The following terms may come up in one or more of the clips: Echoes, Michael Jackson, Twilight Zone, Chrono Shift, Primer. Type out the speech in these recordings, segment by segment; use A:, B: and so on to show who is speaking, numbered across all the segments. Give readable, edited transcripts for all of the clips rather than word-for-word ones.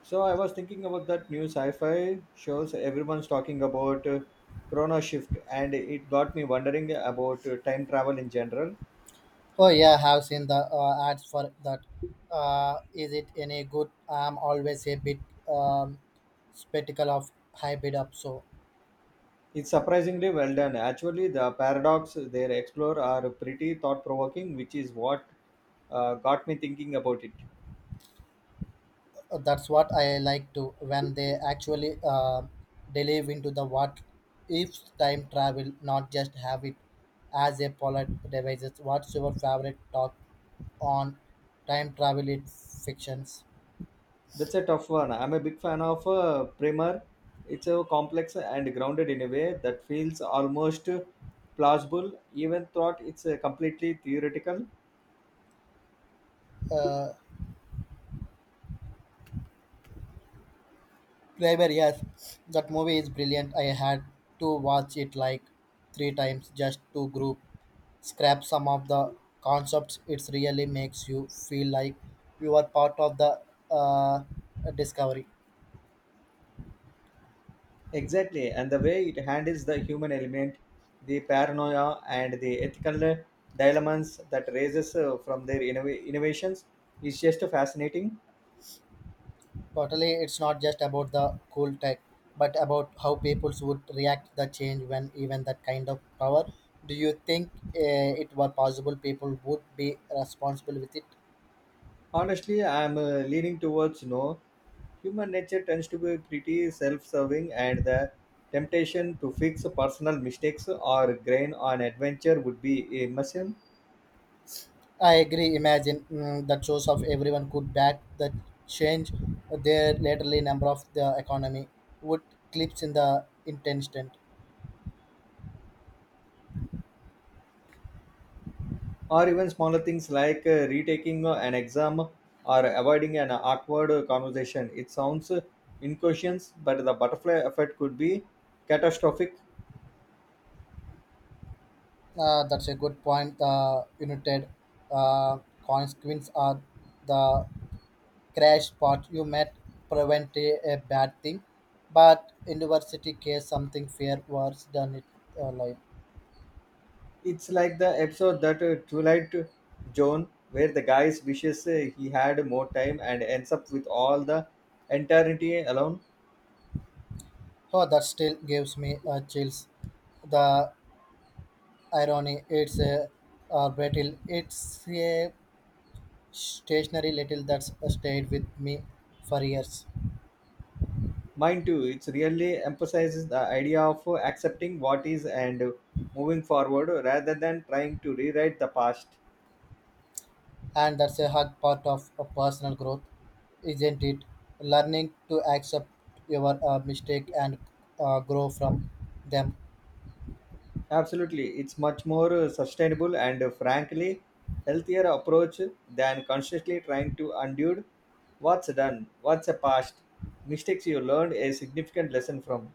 A: So I was thinking about that new sci-fi shows everyone's talking about, Chrono Shift, and it got me wondering about time travel in general.
B: Oh yeah, I have seen the ads for that. Is it any good? I'm always a bit um, skeptical of hybrid up. So
A: It's surprisingly well done. Actually, the paradox they explore are pretty thought-provoking, which is what got me thinking about it.
B: that's what I like to when they actually delve into the what if time travel, not just have it as a polite devices. What's your favorite talk on time travel in fictions?
A: That's a tough one. I'm a big fan of Primer. It's a complex and grounded in a way that feels almost plausible, even though it's completely theoretical.
B: Uh, Driver, yes, that movie is brilliant. I had to watch it like three times just to group scrap some of the concepts. It really makes you feel like you are part of the uh, discovery.
A: Exactly, and the way it handles the human element, the paranoia, and the ethical dilemmas that raises from their innovations is just fascinating.
B: Totally, it's not just about the cool tech, but about how people would react the change when even that kind of power. Do you think it were possible people would be responsible with it?
A: Honestly, I'm leaning towards no. Human nature tends to be pretty self-serving, and the temptation to fix personal mistakes or grain on adventure would be immense.
B: I agree. Imagine the choice of everyone could back the change. Their laterally number of the economy would clips in the intention.
A: Or even smaller things like retaking an exam or avoiding an awkward conversation. It sounds incautious, but the butterfly effect could be catastrophic.
B: That's a good point. The united uh, consequence are the crash part. You might prevent a bad thing, but in university case something fair worse than it life.
A: It's like the episode that Twilight Zone where the guy wishes he had more time and ends up with all the eternity alone.
B: Oh, that still gives me chills. The irony, it's a brittle. It's a stationary little that's stayed with me for years.
A: Mind too, it really emphasizes the idea of accepting what is and moving forward rather than trying to rewrite the past.
B: And that's a hard part of a personal growth, isn't it? Learning to accept your mistake and grow from them.
A: Absolutely, it's much more sustainable and frankly healthier approach than consciously trying to undo what's done, what's a past, mistakes you learned a significant lesson from.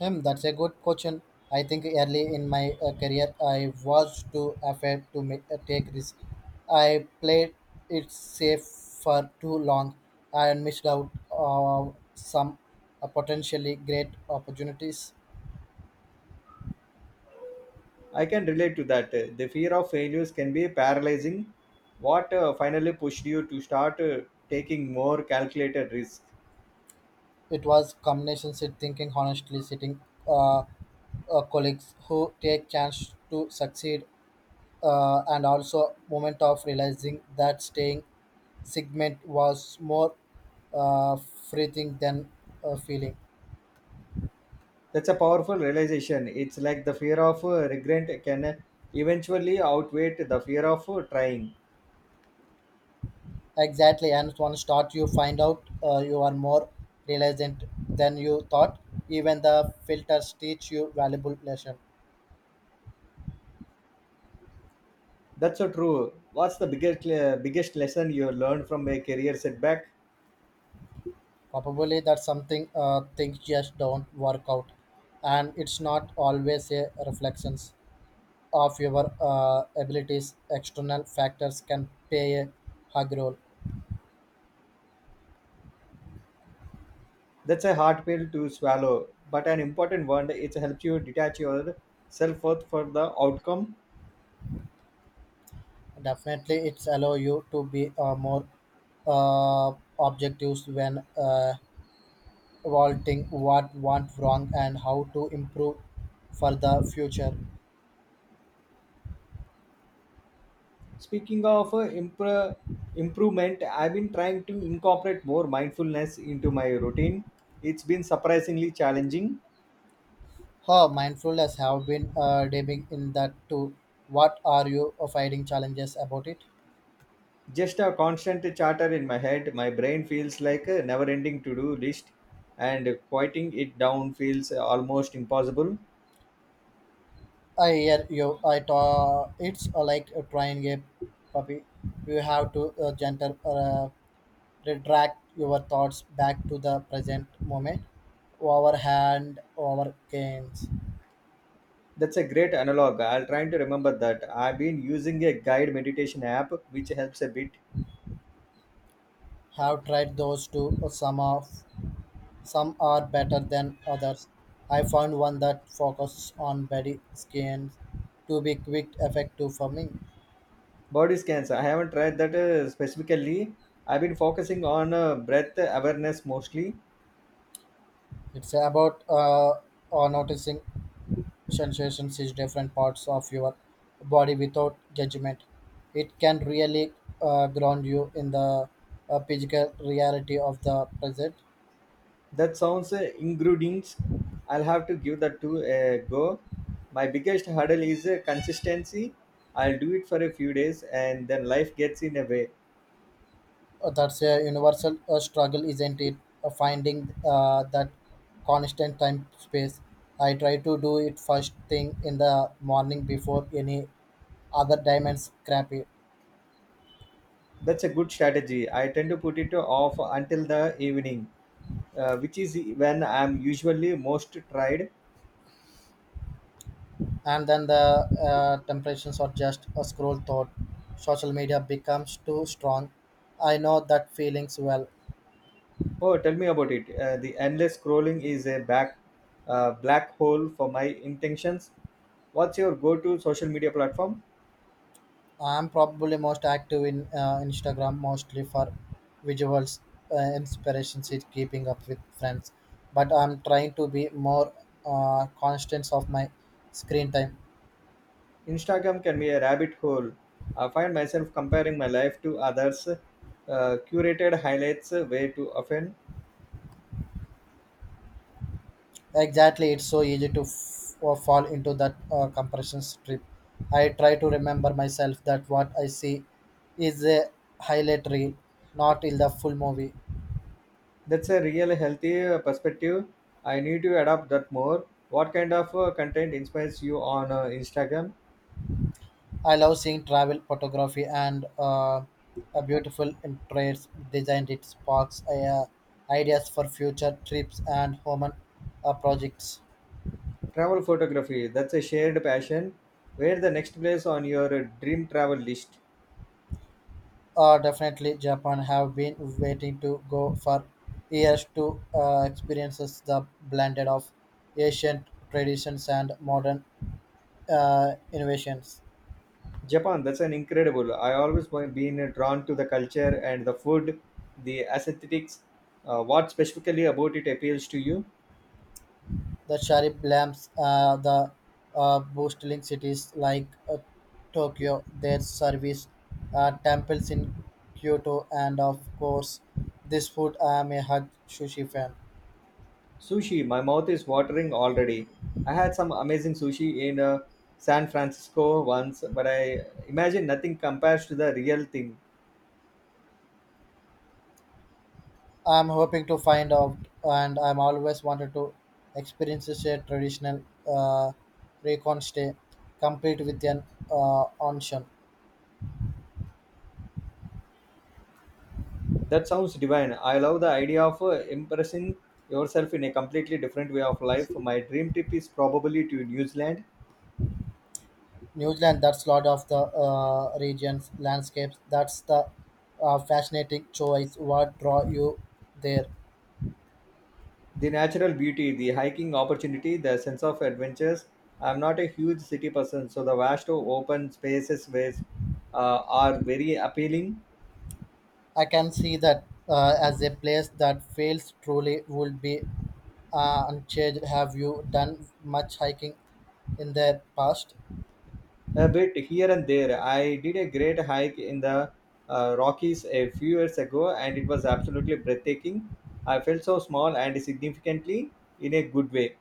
B: That's a good question. I think early in my career, I was too afraid to make, take risk. I played it safe for too long and missed out on some potentially great opportunities.
A: I can relate to that. The fear of failures can be paralyzing. What finally pushed you to start taking more calculated risks?
B: It was combination sit thinking, honestly sitting uh, colleagues who take chance to succeed, and also moment of realizing that staying segment was more free thing than feeling.
A: That's a powerful realization. It's like the fear of regret can eventually outweigh the fear of trying.
B: Exactly, and one start you find out you are more resilient than you thought. Even the filters teach you valuable lesson.
A: That's so true. What's the biggest lesson you have learned from a career setback?
B: Probably that something things just don't work out and it's not always a reflections of your abilities external factors can play a hug role.
A: That's a hard pill to swallow, but an important one. It helps you detach your self worth for the outcome.
B: Definitely it's allow you to be more uh, objectives when evaluating what went wrong and how to improve for the future.
A: Speaking of improvement, I've been trying to incorporate more mindfulness into my routine. It's been surprisingly challenging.
B: Her mindfulness have been diving in that too. What are you finding challenges about it?
A: Just a constant chatter in my head. My brain feels like a never-ending to-do list, and quieting it down feels almost impossible.
B: I hear you. I ta It's like trying a puppy. You have to gentle retract your thoughts back to the present moment. Our hand, our canes.
A: That's a great analog. I'll try to remember that. I've been using a guide meditation app which helps a bit.
B: Have tried those two. Some of some are better than others. I found one that focuses on body skin to be quick effective for me.
A: Body scans. I haven't tried that specifically. I've been focusing on breath awareness mostly.
B: It's about noticing sensations in different parts of your body without judgment. It can really ground you in the physical reality of the present.
A: That sounds ingredients. I'll have to give that to a go. My biggest hurdle is consistency. I'll do it for a few days and then life gets in a way.
B: That's a universal struggle, isn't it? Finding that constant time space. I try to do it first thing in the morning before any other diamonds crappy.
A: That's a good strategy. I tend to put it off until the evening, which is when I'm usually most tried.
B: And then the temptations are just a scroll thought social media becomes too strong. I know that feelings well.
A: Oh, tell me about it. The endless scrolling is a black hole for my intentions. What's your go to social media platform?
B: I'm probably most active in Instagram, mostly for visuals, inspirations is keeping up with friends, but I'm trying to be more conscious of my screen time.
A: Instagram can be a rabbit hole. I find myself comparing my life to others, curated highlights way too often.
B: Exactly, it's so easy to f- or fall into that compression strip. I try to remember myself that what I see is a highlight reel, not in the full movie.
A: That's a real healthy perspective. I need to adopt that more. What kind of content inspires you on Instagram?
B: I love seeing travel photography and a beautiful interest designed. It sparks ideas for future trips and human projects.
A: Travel photography, that's a shared passion. Where the next place on your dream travel list?
B: Definitely, Japan have been waiting to go for years to experiences the blended of ancient traditions and modern innovations.
A: Japan, that's an incredible. I always been drawn to the culture and the food, the aesthetics. What specifically about it appeals to you?
B: The sharp lamps, the boostling cities like Tokyo, their service temples in Kyoto, and of course, this food I am a hug sushi fan.
A: Sushi, my mouth is watering already. I had some amazing sushi in San Francisco once, but I imagine nothing compares to the real thing.
B: I'm hoping to find out, and I'm always wanted to experience a traditional uh, recon stay, complete with an onsen.
A: That sounds divine. I love the idea of impressing yourself in a completely different way of life. My dream trip is probably to New Zealand.
B: New Zealand, that's a lot of the regions, landscapes. That's the fascinating choice. What draw you there?
A: The natural beauty, the hiking opportunity, the sense of adventures. I'm not a huge city person, so the vast open spaces ways, are very appealing.
B: I can see that as a place that feels truly would be unchanged. Have you done much hiking in the past?
A: A bit here and there. I did a great hike in the Rockies a few years ago, and it was absolutely breathtaking. I felt so small and significantly in a good way.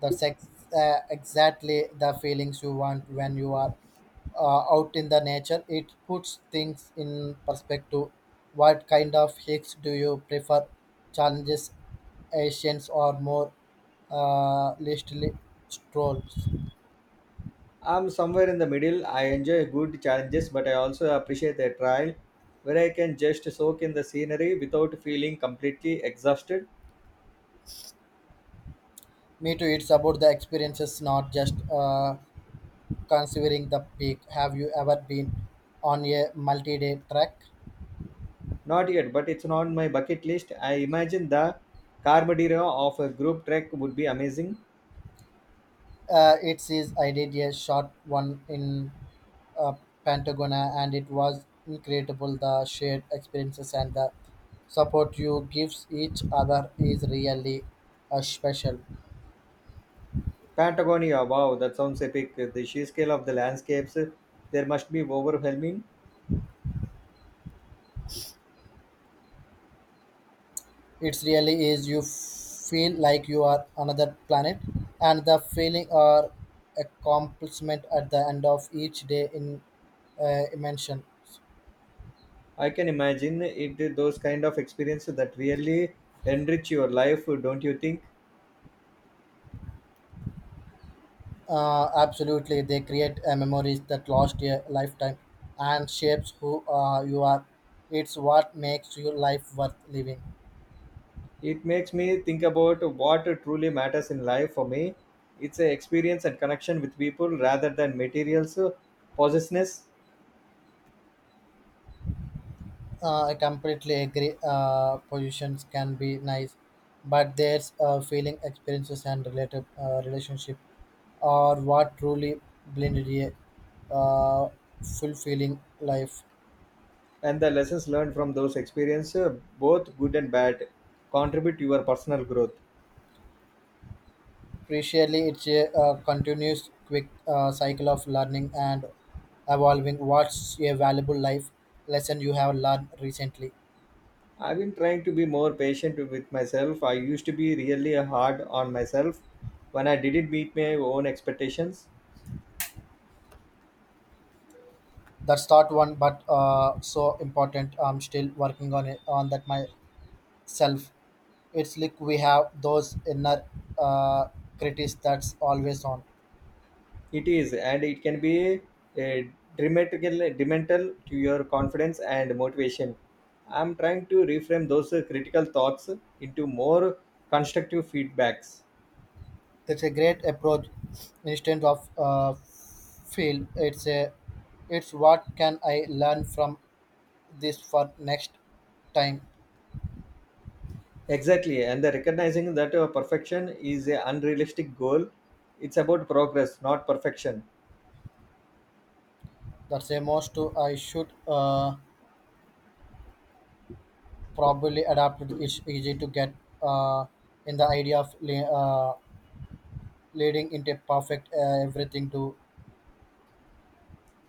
B: That's exactly the feelings you want when you are out in the nature. It puts things in perspective. What kind of hikes do you prefer? Challenges, Asians, or more leisurely strolls?
A: I'm somewhere in the middle. I enjoy good challenges, but I also appreciate a trial where I can just soak in the scenery without feeling completely exhausted.
B: Me too. It's about the experiences, not just considering the peak. Have you ever been on a multi-day trek?
A: Not yet, but it's on my bucket list. I imagine the Carmadero of a group trek would be amazing.
B: It is. I did a short one in uh, Patagonia, and it was incredible. The shared experiences and the support you gives each other is really special.
A: Patagonia, wow, that sounds epic. The sheer scale of the landscapes, there must be overwhelming.
B: It's really is you feel like you are another planet, and the feeling or accomplishment at the end of each day in mention.
A: I can imagine it those kind of experiences that really enrich your life, don't you think?
B: Absolutely, they create memories that last a lifetime and shapes who you are. It's what makes your life worth living.
A: It makes me think about what truly matters in life for me. It's an experience and connection with people rather than materials possessiveness.
B: I completely agree. Positions can be nice, but there's feeling experiences and related relationship are what truly blended a fulfilling life.
A: And the lessons learned from those experiences, both good and bad, contribute to your personal growth.
B: Crucially, it's a continuous quick cycle of learning and evolving. What's a valuable life lesson you have learned recently?
A: I've been trying to be more patient with myself. I used to be really hard on myself when I didn't meet my own expectations.
B: That's not one, but so important. I'm still working on it on that myself. It's like we have those inner uh, critics that's always on.
A: It is, and it can be a detrimental to your confidence and motivation. I'm trying to reframe those critical thoughts into more constructive feedbacks.
B: That's a great approach. Instead of fail, it's a it's what can I learn from this for next time.
A: Exactly, and the recognizing that perfection is a unrealistic goal. It's about progress, not perfection.
B: That's a most to I should probably adapt. It. It's easy to get uh, in the idea of leading into perfect everything to.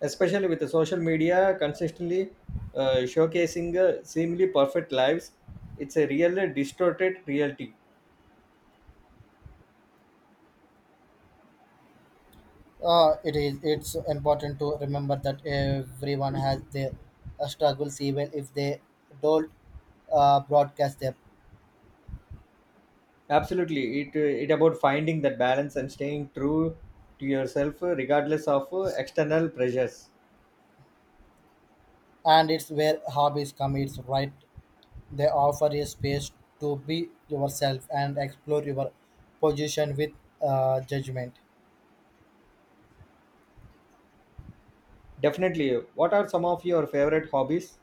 A: Especially with the social media consistently showcasing seemingly perfect lives, it's a real distorted reality.
B: It is. It's important to remember that everyone has their struggles, even if they don't broadcast them.
A: Absolutely, it about finding that balance and staying true to yourself regardless of external pressures.
B: And it's where hobbies come. It's right. They offer a space to be yourself and explore your position with judgment.
A: Definitely. What are some of your favorite hobbies?